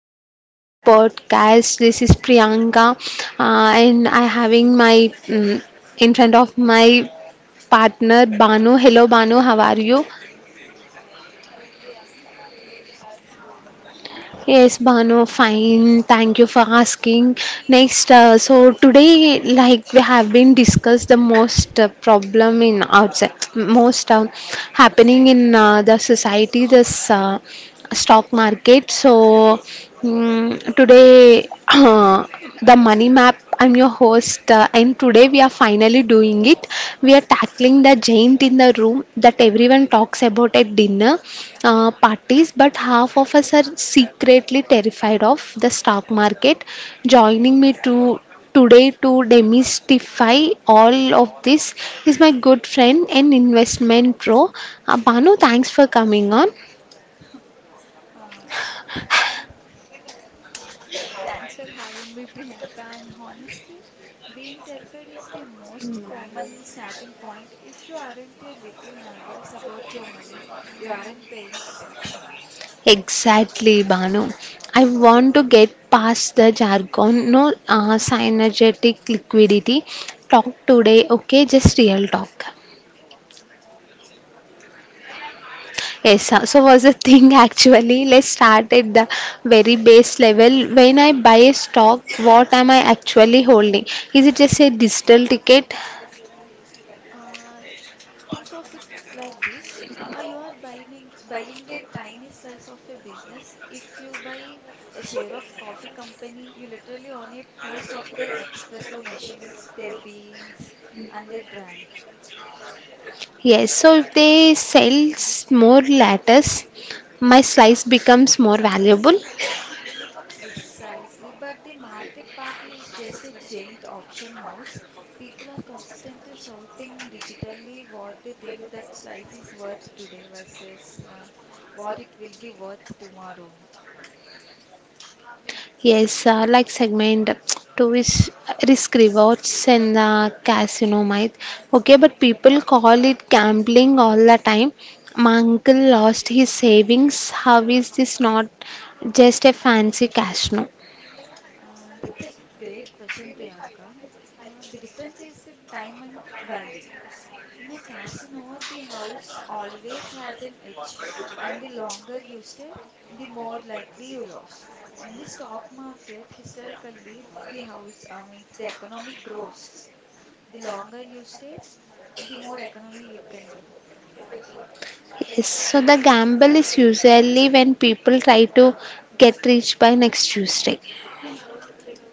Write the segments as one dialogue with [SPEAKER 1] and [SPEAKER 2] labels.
[SPEAKER 1] back to our podcast. This is Priyanka, and I having my in front of my partner Banu. Hello Banu, how are you?
[SPEAKER 2] Hello Priyanka, I'm good. How are you doing?
[SPEAKER 1] Yes, Banu, fine. Thank you for asking. Next, so today, like we have been discussed the most problem in outside, most happening in the society. This stock market. So today the money map. I'm your host, and today we are finally doing it. We are tackling the giant in the room that everyone talks about at dinner parties, but half of us are secretly terrified of the stock market. Joining me to today to demystify all of this is my good friend and investment pro, Banu. Thanks for coming on.
[SPEAKER 2] Uh, Thanks for having me, Priyanka. And honestly, being terrified is the most common starting point. If you aren't a little nervous about your money, you aren't paying attention.
[SPEAKER 1] Exactly, Banu. I want to get past the jargon, no synergetic liquidity. Talk today, okay? Just real talk. Yes, so was the thing actually. Let's start at the very base level. When I buy a stock, what am I actually holding? Is it just a digital ticket?
[SPEAKER 2] Uh, think of it like this. You are buying a tiny slice of a business. If you buy a share of coffee company, you literally own a piece of their espresso machines, their beans, and their brand.
[SPEAKER 1] Yes, so if they sell more lattice, my slice becomes more valuable.
[SPEAKER 2] Precisely, but the market part is just a giant auction house. People are consistently shouting digitally what they think that slice is worth today versus what it will be worth tomorrow.
[SPEAKER 1] Yes, like segment two is risk rewards and casino might. Okay, but people call it gambling all the time. My uncle lost his savings. How is this not just a fancy casino?
[SPEAKER 2] That's a great question, Priyanka. The difference is the time and value. In a casino, the house always has an edge, and the longer you stay, the more likely you lose. In the stock market, historically, the house means the economic grows. The longer you stay, the more economy you can grow.
[SPEAKER 1] Yes, so the gamble is usually when people try to get rich by next Tuesday.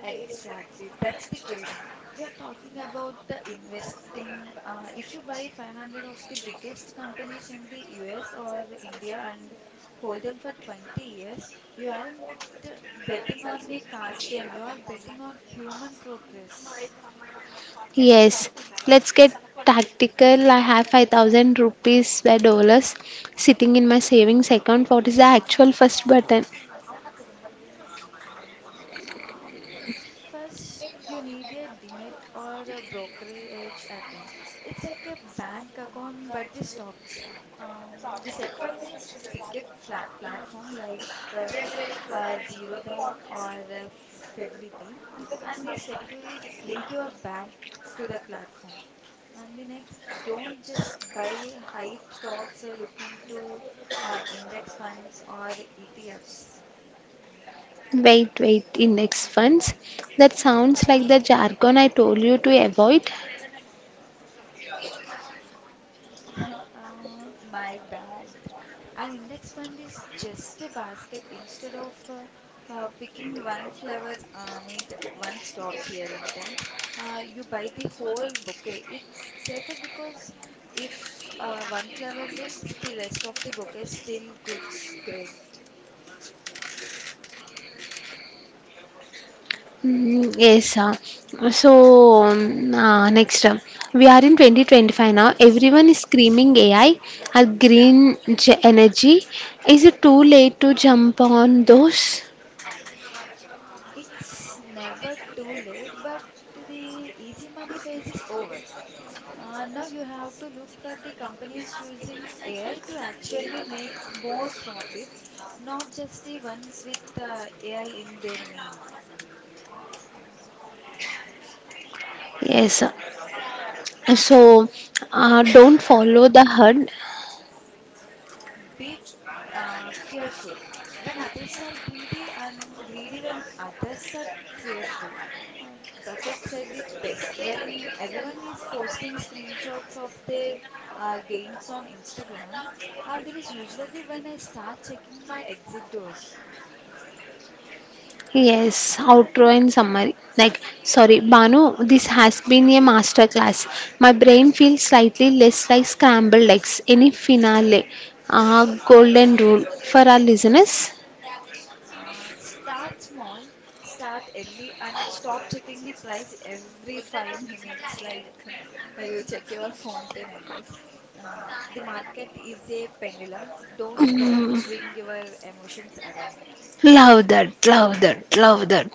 [SPEAKER 2] Exactly, that's the trading. We are talking about the investing. If you buy 500 of the biggest companies in the US or India and hold them for 20 years, you aren't betting on a card game, you are betting on human progress.
[SPEAKER 1] Yes, let's get tactical. I have 5,000 rupees by dollars sitting in my savings account. What is the actual first button?
[SPEAKER 2] First, you need a demat or a brokerage account. It's like a bank account, but the stocks. The step one is pick a flat platform like um Zerodha or Fidelity, and the step two is link your bank to that platform. And the next, don't just buy hype stocks or look into index funds or ETFs.
[SPEAKER 1] Wait, wait, index funds? That sounds like the jargon I told you to avoid.
[SPEAKER 2] My bad. An index fund is just a basket. Instead of picking one flower, means one stock here in terms. You buy the whole bouquet. It's safer because if one flower wilts, the rest of the bouquet still goes great.
[SPEAKER 1] Mm, yes, next, we are in 2025 now. Everyone is screaming AI or green energy. Is it too late to jump on those?
[SPEAKER 2] It's never too late, but the easy money phase is over. Now you have to look for the companies using AI to actually make more profit, not just the ones with AI in their name.
[SPEAKER 1] Yes, so don't follow the herd.
[SPEAKER 2] Be fearful when others are greedy and greedy when others are fearful. Uh, Buffett said it best. When everyone is posting screenshots of their gains on Instagram, there is usually when I start checking my exit door.
[SPEAKER 1] Yes, outro and summary. Like, sorry, Banu, this has been a masterclass. My brain feels slightly less like scrambled eggs. Any finale? Ah, golden rule for our listeners.
[SPEAKER 2] Start small, start early, and stop checking the price every five minutes. Like you check your phone pay numbers. The market is a pendulum. Don't let it
[SPEAKER 1] Mm,
[SPEAKER 2] swing your emotions around.
[SPEAKER 1] love that, love that, love that.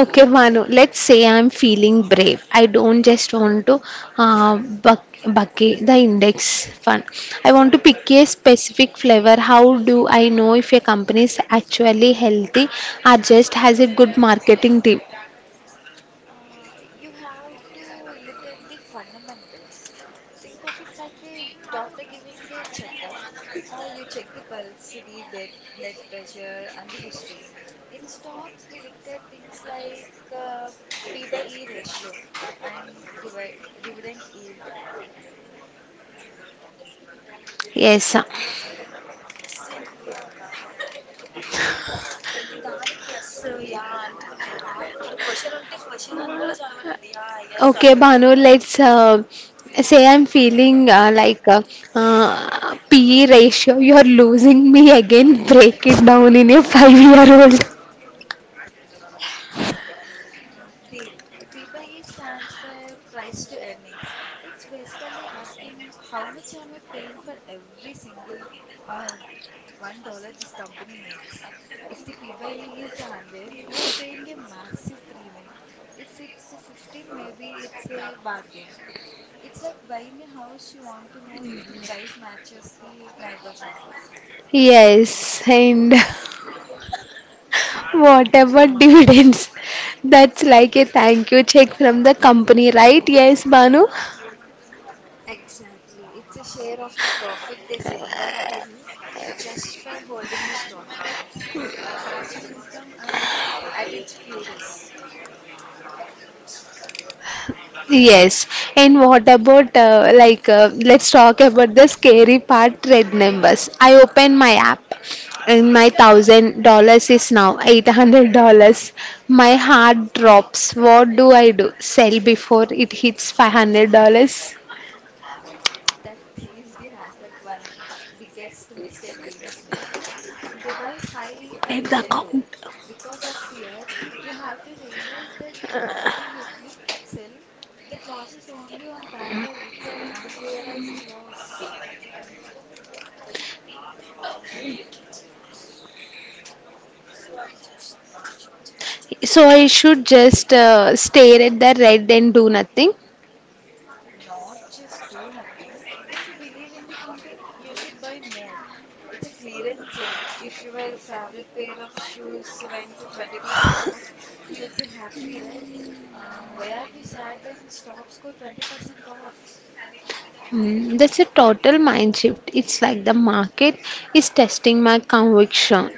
[SPEAKER 1] Okay, Manu, let's say I'm feeling brave. I don't just want to bucket the index fund. I want to pick a specific flavor. How do I know if a company is actually healthy or just has a good marketing team?
[SPEAKER 2] You have to look at the fundamentals. Think of it like a doctor giving a checkup. You check the pulse, the bed, blood pressure, and the history. In stocks, we look at things like P by E ratio and dividend yield.
[SPEAKER 1] Yes. Okay, Sagar. Bhanu, let's say I'm feeling like PE ratio. You're losing me again. Break it down in a 5-year-old.
[SPEAKER 2] Deal. PBE stands for price to earnings. It's basically asking how much am I paying for every single uh, $1 this company makes. If the PBE is a hundred, you are paying a massive premium. If it's 15, maybe it's a bargain. It's like buying a house. You want to know if the price matches the neighborhood.
[SPEAKER 1] Yes, and what about dividends? That's like a thank you check from the company, right? Yes, Banu.
[SPEAKER 2] Exactly. It's a share of the profit they send back to you just for holding the stocks. It's passive income and at its purest.
[SPEAKER 1] Yes, and what about let's talk about the scary part red numbers. I open my app and my $1,000 is now $800. My heart drops. What do I do? Sell before it hits $500.
[SPEAKER 2] That is the hashtag one biggest mistake beginners make. They buy high
[SPEAKER 1] At
[SPEAKER 2] and
[SPEAKER 1] the
[SPEAKER 2] sell
[SPEAKER 1] account.
[SPEAKER 2] low. Because of fear, you have to realize that until you click sell, that loss is only on paper. It's an unrealized loss.
[SPEAKER 1] So I should just stare at the red and do nothing.
[SPEAKER 2] Not just do nothing. If you believe in the company, you should buy more. It's a clearance sale. If your favorite pair of shoes went to 20% off, you would be happy, right? Why are we sad when stocks go 20% off?
[SPEAKER 1] Hmm, that's a total mind shift. It's like the market is testing my conviction.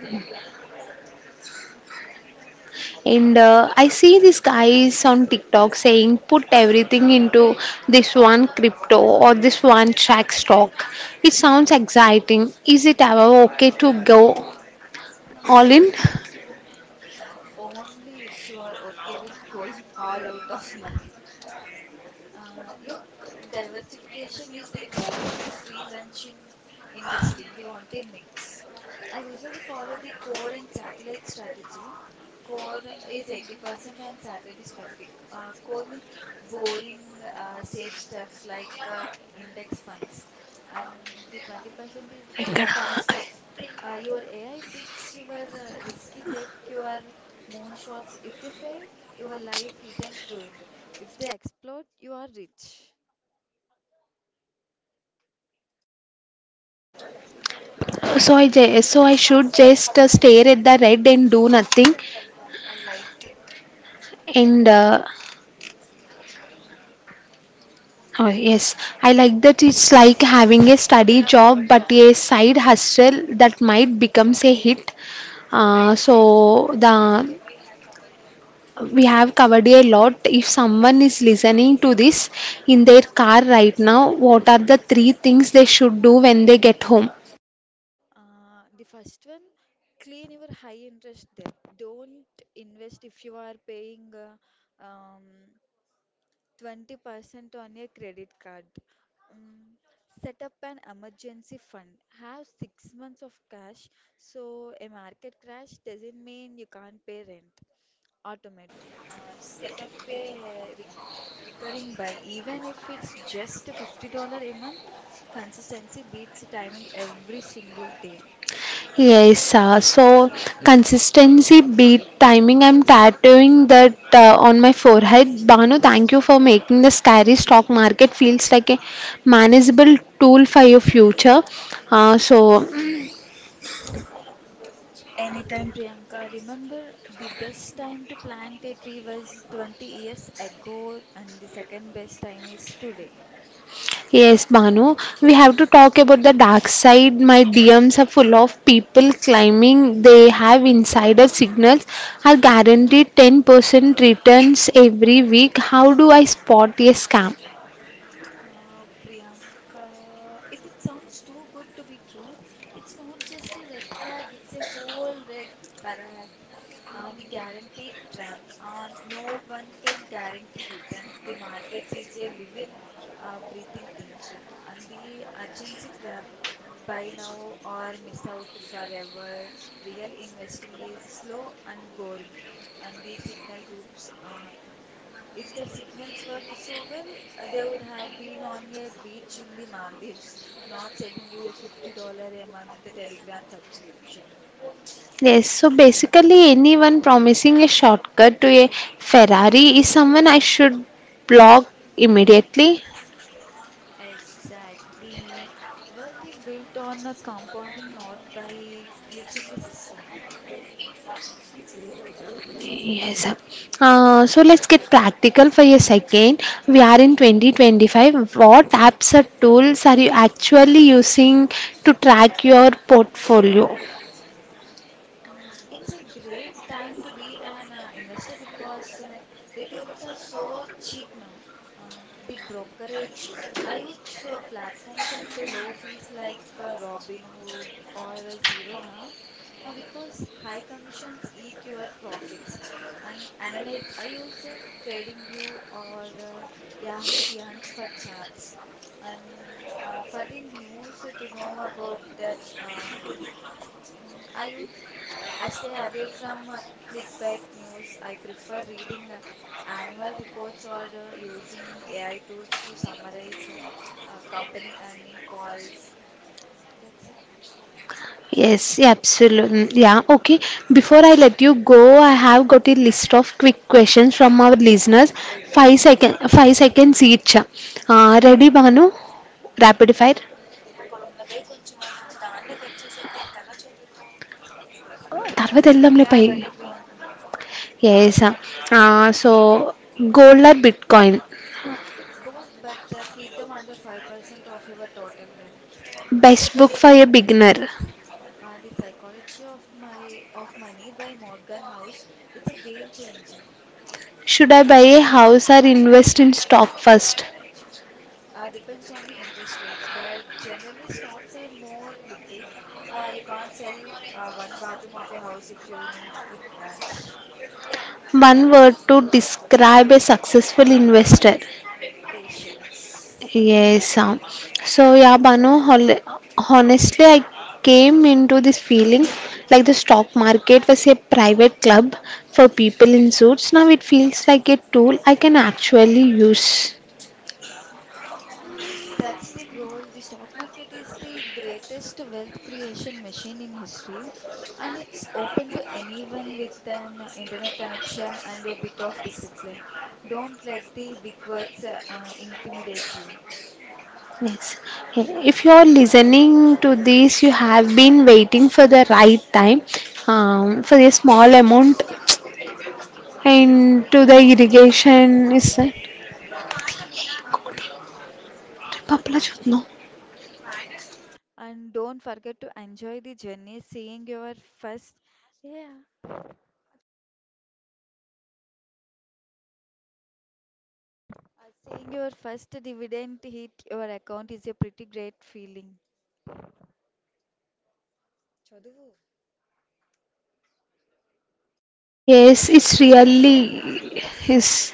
[SPEAKER 1] And I see these guys on TikTok saying put everything into this one crypto or this one track stock. It sounds exciting. Is it ever okay to go all in?
[SPEAKER 2] Only if you are okay with going all out of money. Look, diversification is the only free lunch in investing. You want a mix. I usually follow the core and satellite strategy. Core is 80% and satellite is 20. Core means boring, safe stuff like index funds. And the 20% is the
[SPEAKER 1] ఇక్కడ.
[SPEAKER 2] fun stuff. Your AI picks, your risky tech, your moonshots. If they fail, your life isn't ruined. If they explode, you are rich.
[SPEAKER 1] So I should just stare at the red and do nothing. And oh, yes, I like that it's like having a study job but a side hustle that might becomes a hit. So the we have covered a lot. If someone is listening to this in their car right now, what are the three things they should do when they get home?
[SPEAKER 2] The first one, clean your high interest debt. Don't invest if you are paying 20% on your credit card. Um, Set up an emergency fund. Have 6 months of cash so a market crash doesn't mean you can't pay rent. Automate, set up a recurring buy even if it's just $50 a month. Consistency beats timing every single day.
[SPEAKER 1] Yes, so consistency beat timing. I'm tattooing that on my forehead. Banu, thank you for making the scary stock market feels like a manageable tool for your future. So.
[SPEAKER 2] Anytime, Priyanka, remember the best time to plant a tree was 20 years ago and the second best time is today.
[SPEAKER 1] Yes, Banu, we have to talk about the dark side. My DMs are full of people claiming they have insider signals, are guaranteed 10% returns every week. How do I spot a scam?
[SPEAKER 2] Priyanka, if it sounds too good to be true, it's not just a red flag, it's a whole red parade. The guaranteed trap. No one can guarantee returns. The market is a living, breathing thing. And the urgency trap, buy now or miss out forever. Real investing is slow and boring. And the signal groups, if their signals worked so well, they would have been on a beach in the Maldives, not selling you a $50 a month Telegram subscription.
[SPEAKER 1] Yes, so basically, anyone promising a shortcut to a Ferrari is someone I should block immediately.
[SPEAKER 2] Exactly. Wealth is built on a compounding, not by glitching the system.
[SPEAKER 1] Yes. So let's get practical for a second. We are in 2025. What apps or tools are you actually using to track your portfolio?
[SPEAKER 2] It's a great time to be an investor because the tools are so cheap now. The brokerage, I use platforms with the low fees like Robinhood or Zerodha because high commissions eat your profits. And analyze, I use TradingView or Yahoo Finance for charts. And for the news to know about that, I use, I stay away from clickbait news. I prefer reading annual reports or using AI tools to summarize company earning calls. That's it.
[SPEAKER 1] Yes, absolutely. Yeah, okay. Before I let you go, I have got a list of quick questions from our listeners. 5 seconds each. Ready, Banu? Rapid fire. తర్వాత వెళ్దాంలే
[SPEAKER 2] Yeah,
[SPEAKER 1] పై
[SPEAKER 2] ready, Priyanka.
[SPEAKER 1] Yes so gold or bitcoin.
[SPEAKER 2] Both, but keep them under 5% of your total wealth.
[SPEAKER 1] Best book for a beginner.
[SPEAKER 2] The Psychology of My of Money by Morgan House. It's a game changer.
[SPEAKER 1] Should I buy a house or invest in stock first?
[SPEAKER 2] Depends on the interest rates, but generally stocks are more liquid. You can't sell one bathroom of your house if you need quick cash.
[SPEAKER 1] One word to describe a successful investor.
[SPEAKER 2] Patience.
[SPEAKER 1] Yes. So, yeah, Banu, honestly, I came into this feeling like the stock market was a private club for people in suits. Now it feels like a tool I can actually use.
[SPEAKER 2] Uh, that's the goal. The stock market is the greatest wealth creation machine in history, and it's open to anyone with an internet connection and a bit of discipline. Don't let the big words intimidate you.
[SPEAKER 1] Yes. If you are listening to this, you have been waiting for the right time, for a small amount and to the irrigation is that Papla chutno.
[SPEAKER 2] And don't forget to enjoy the journey. Seeing your first dividend hit your account is a pretty great feeling. చదువు
[SPEAKER 1] Yes, it's really is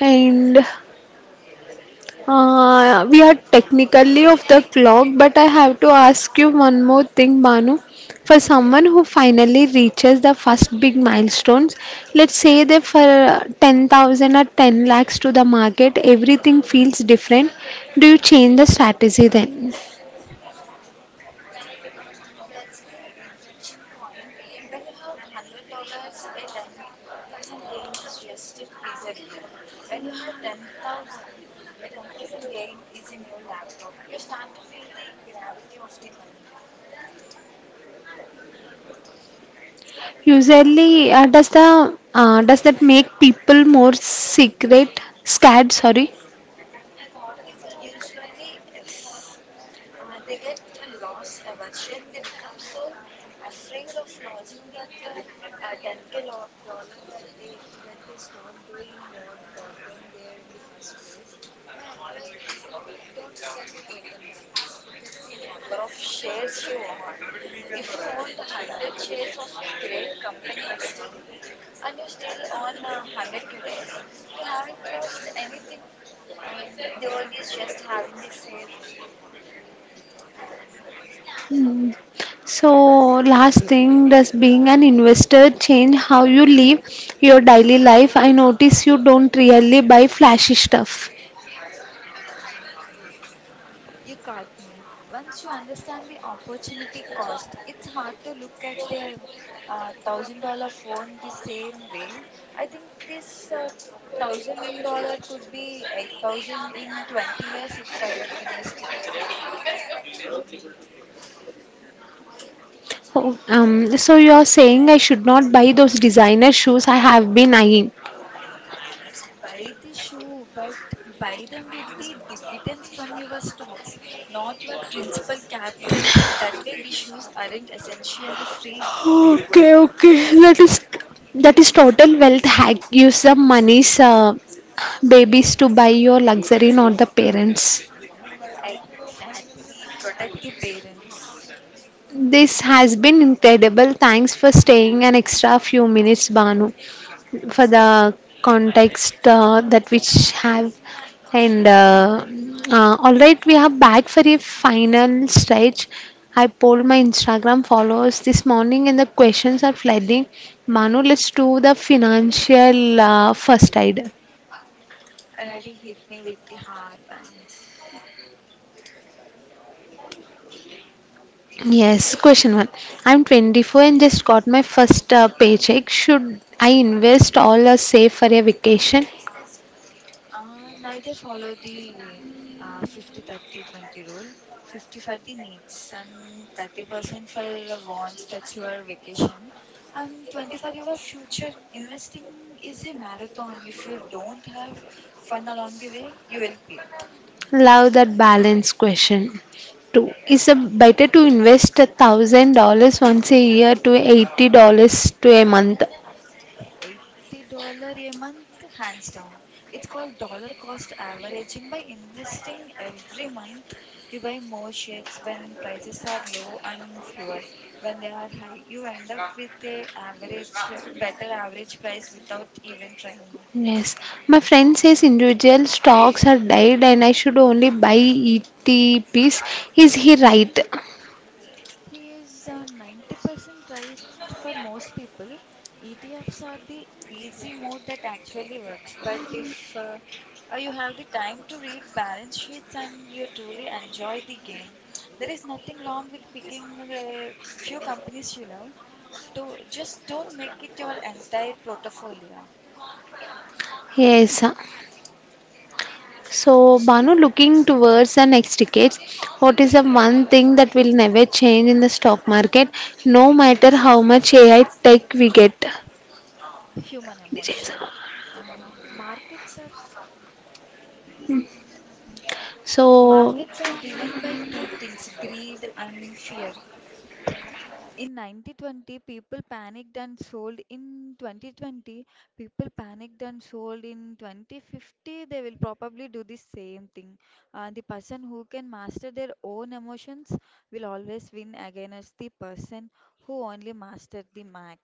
[SPEAKER 1] and. We are technically off the clock, but I have to ask you one more thing, Banu. For someone who finally reaches the first big milestones, let's say they for 10,000 or 10 lakhs to the market, everything feels different. Do you change the strategy then?
[SPEAKER 2] That's the inflection point. When you have $100, a 10% gain is just a pizza dinner. When you have 10,000, a 10% gain is a new laptop. You start to feel the gravity of the money.
[SPEAKER 1] Usually, does that make people more secret scared? Sorry.
[SPEAKER 2] Usually, yes. They get a loss aversion. They become so afraid of losing that 10k dollar that they stop doing what got them there in the first place. My advice: don't look at the total balance. Look at the number of shares you own. If you owned 100 shares of a great company yesterday and you still own 100 today, you haven't lost anything. The world is just having a sale.
[SPEAKER 1] Hmm. So, last thing, does being an investor change how you live your daily life? I notice you don't really buy flashy stuff.
[SPEAKER 2] You caught me. Once you understand the opportunity cost, it's hard to look at a $1,000 phone the same way. I think this $1,000 could be 8,000 in 20 years if I invest it.
[SPEAKER 1] Oh, so you're saying I should not buy those designer shoes I have been eyeing.
[SPEAKER 2] Buy the shoe, but buy them with the dividends from your stocks, not your principal capital. That way, the shoes aren't essentially free.
[SPEAKER 1] Okay, okay. That is total wealth hack. Use the money's babies to buy your luxury, not the parents.
[SPEAKER 2] Exactly, protect the parents.
[SPEAKER 1] This has been incredible. Thanks for staying an extra few minutes, Banu. For the context, that which have and all right, we are back for a final stretch. I polled my Instagram followers this morning and the questions are flooding. Manu, let's do the financial first aid.
[SPEAKER 2] Already hit me with the hard ones.
[SPEAKER 1] Yes, question one. I'm 24 and just got my first paycheck. Should I invest all or save for a vacation?
[SPEAKER 2] Neither. Follow the 50 30 20 rule. 50 for the needs and 30% for wants, that's your vacation, and 20 for your future investing. Is a marathon. If you don't have fun along the way, you will quit.
[SPEAKER 1] Love that balance question too. Is it better to invest $1,000 once a year to $80 to a month?
[SPEAKER 2] $80 a month, hands down. It's called dollar cost averaging. By investing every month, you buy more shares when prices are low and fewer when they are high. You end up with a average, better average price without even trying.
[SPEAKER 1] Yes, my friend says individual stocks are dead and I should only buy ETPs. Is he right?
[SPEAKER 2] He is 90% right for most people. ETFs are the easy mode that actually works. But if uh, you have the time to read balance sheets and you truly enjoy the game, there is nothing wrong with picking a few companies you love. Do just don't make it your entire portfolio.
[SPEAKER 1] Yes. So, Banu, looking towards the next decades, what is the one thing that will never change in the stock market, no matter how much AI tech we get?
[SPEAKER 2] Human emotion. Uh, markets are like,
[SPEAKER 1] So,
[SPEAKER 2] Markets are driven by two things, greed and fear. In 1920, people panicked and sold. In 2020, people panicked and sold. In 2050, they will probably do the same thing. The person who can master their own emotions will always win against the person who only mastered the Mac.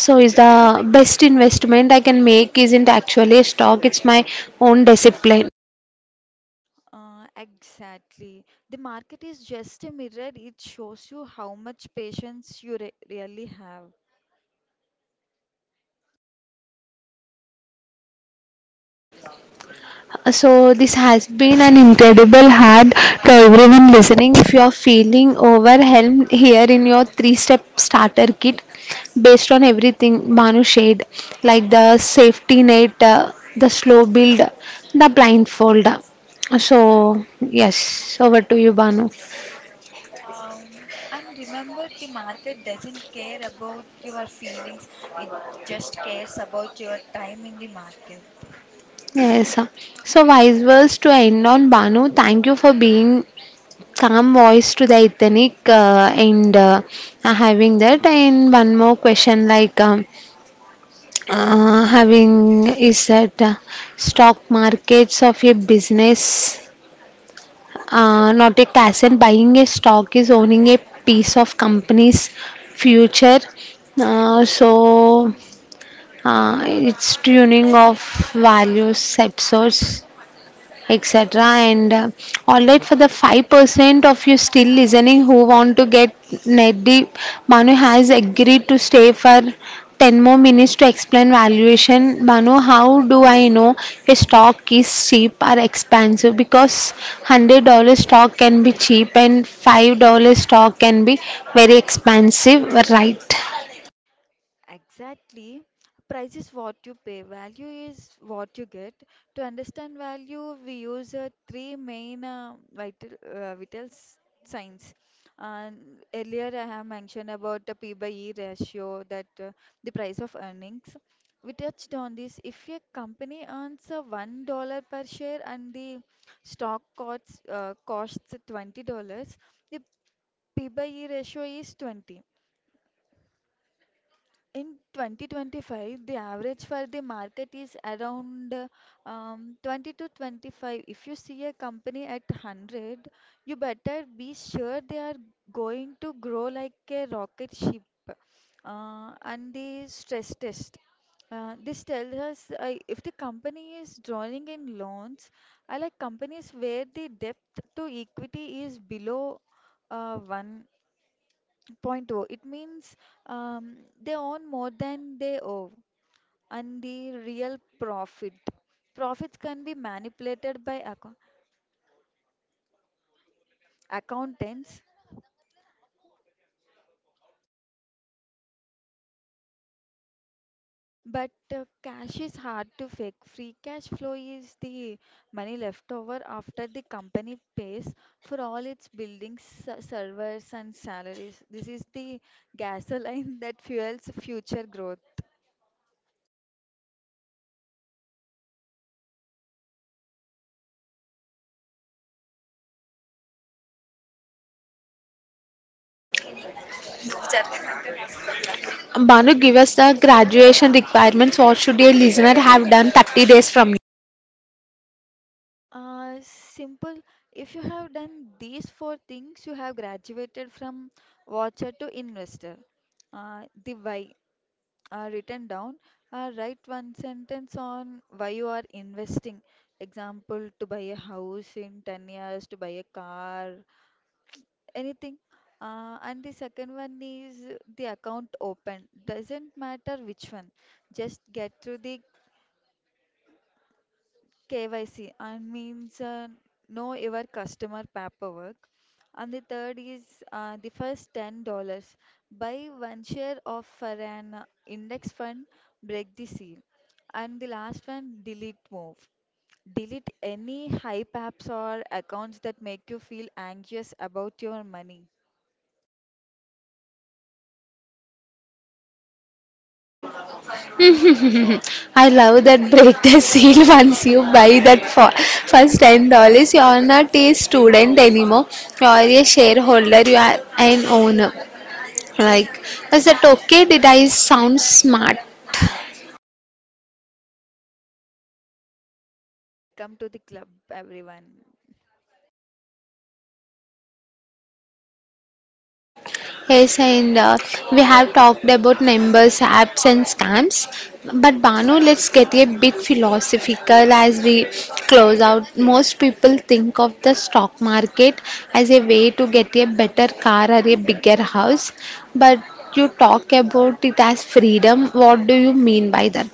[SPEAKER 1] so is the best investment I can make isn't actually a stock, it's my own discipline.
[SPEAKER 2] Exactly. The market is just a mirror. It shows you how much patience you re really have.
[SPEAKER 1] So this has been an incredible hard to everyone listening. If you are feeling overwhelmed here in your three-step starter kit, based on everything Manu shared, like the safety net, the slow build, the blindfold. So yes, over to you, Banu.
[SPEAKER 2] And remember, the market doesn't care about your feelings, it just cares about your time in the market.
[SPEAKER 1] Yes. So wise words to end on Banu. Thank you for being calm voice to the ethnic, and having that. And one more question, like, having is that stock markets of a business, not a cash, and buying a stock is owning a piece of company's future. Uh,
[SPEAKER 2] Yeah,
[SPEAKER 1] so
[SPEAKER 2] yeah.
[SPEAKER 1] it's tuning of values episodes, etc. And all right, for the 5% of you still listening who want to get net deep, Manu has agreed to stay for 10 more minutes to explain valuation. Manu, how do I know a stock is cheap or expensive? Because $100 stock can be cheap and $5 stock can be very expensive, right?
[SPEAKER 2] Exactly. Price is what you pay, value is what you get. To understand value, we use three main signs. And earlier, I have mentioned about the P by E ratio, that the price of earnings. We touched on this. If a company earns $1 per share and the stock costs $20, the P by E ratio is 20. In 2025, the average for the market is around 20 to 25. If you see a company at 100, you better be sure they are going to grow like a rocket ship. And the stress test. This tells us if the company is drawing in loans, I like companies where the debt to equity is below 1.2, it means um, they own more than they owe, and the real profit. Profits can be manipulated by accountants, but cash is hard to fake. Free cash flow is the money left over after the company pays for all its buildings, servers, and salaries. This is the gasoline that fuels future growth.
[SPEAKER 1] Manu, give us the graduation requirements. What should a listener have done 30 days from
[SPEAKER 2] Simple. If you have done these four things, you have graduated from watcher to investor. The why written down. Write one sentence on why you are investing. Example, to buy a house in 10 years, to buy a car, anything. And the second one is the account open. Doesn't matter which one. Just get through the KYC, and means know your customer paperwork. And the third is the first $10. Buy one share of for an index fund, break the seal. And the last one, delete move. Delete any hype apps or accounts that make you feel anxious about your money.
[SPEAKER 1] I love that break the seal once you buy that for first $10. You are not a student anymore. You are a shareholder. You are an owner. Like, is that okay? Did I sound smart?
[SPEAKER 2] Welcome to the club, everyone.
[SPEAKER 1] Yes, and we have talked about numbers, apps, and scams. But Banu, let's get a bit philosophical as we close out. Most people think of the stock market as a way to get a better car or a bigger house, but you talk about it as freedom. What do you mean by that?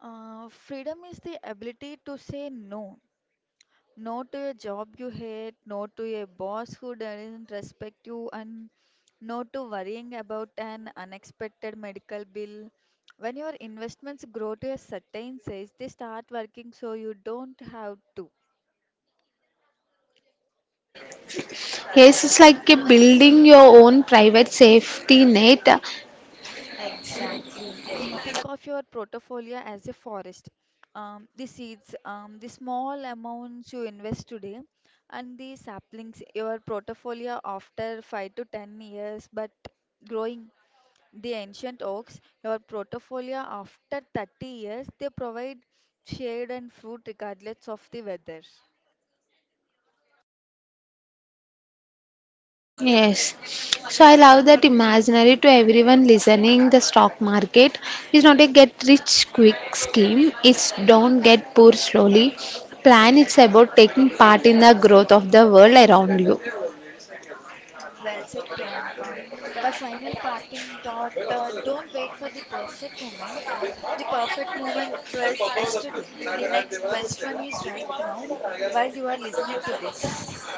[SPEAKER 2] Freedom is the ability to say no. Not to a job you hate, not to a boss who doesn't respect you, and not to worrying about an unexpected medical bill. When your investments grow to a certain size, they start working so you don't have to.
[SPEAKER 1] Yes, it's like a building your own private safety net.
[SPEAKER 2] Exactly. Think of your portfolio as a forest. The seeds, the small amounts you invest today, and the saplings, your portfolio after 5 to 10 years, but growing. The ancient oaks, your portfolio after 30 years, they provide shade and fruit regardless of the weather.
[SPEAKER 1] Yes. So I love that imaginary to everyone listening. The stock market is not a get rich quick scheme, it's don't get poor slowly. Plan it's about taking part in the growth of the world around you.
[SPEAKER 2] Mm, well said, Priyanka. My final parting thought, don't wait for the perfect moment. The perfect moment was yesterday. The next best one is right now while you are listening to this.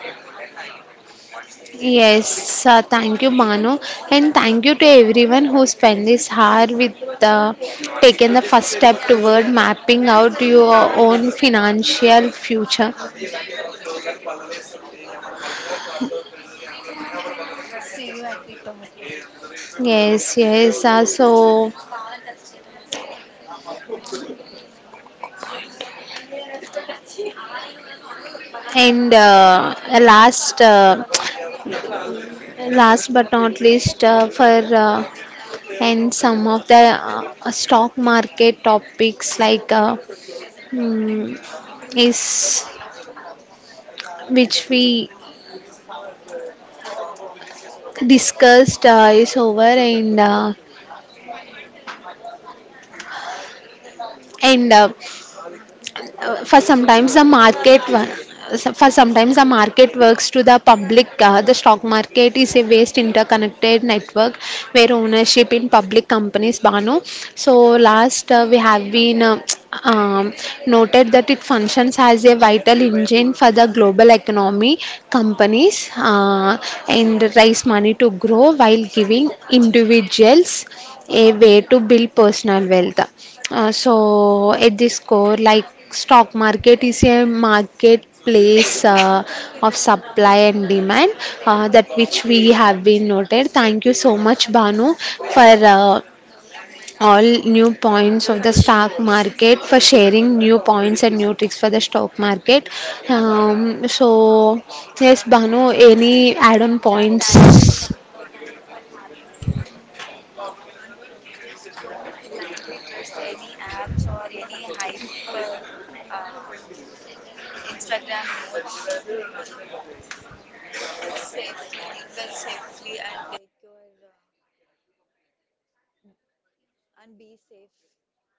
[SPEAKER 1] Yes, thank you, Banu, and thank you to everyone who spent this hour with taking the first step toward mapping out your own financial future.
[SPEAKER 2] See you at the top.
[SPEAKER 1] Yes, yes. And last but not least, for and some of the stock market topics, like mm, is which we discussed, is over and for sometimes the market works to the public. The stock market is a vast interconnected network where ownership in public companies, Banu. So last, we have been, um, noted that it functions as a vital engine for the global economy. Companies, and raise money to grow while giving individuals a way to build personal wealth. So at this core, like stock market is a marketplace, of supply and demand, that which we have been noted. Thank you so much, Banu, for all new points of the stock market, for sharing new points and new tricks for the stock market. So yes, Banu, any add-on points?
[SPEAKER 2] Thank you, Priyanka. Thank you for having me. And one thing, just don't blindly trust any apps or any hype uh, Instagram notes. And safely invest safely and take your and be safe.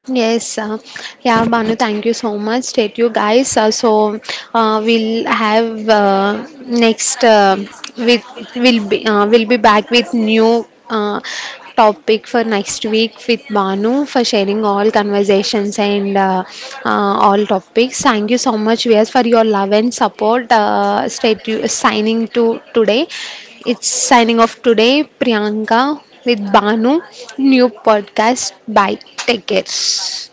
[SPEAKER 1] Yes, yeah, Banu, thank you so much. State you guys. We'll have, next, with we'll be back with new, topic for next week with Banu for sharing all conversations and all topics. Thank you so much, Vyas, for your love and support. State you signing to today. It's signing off today, Priyanka with Banu. New podcast. Bye. Take care.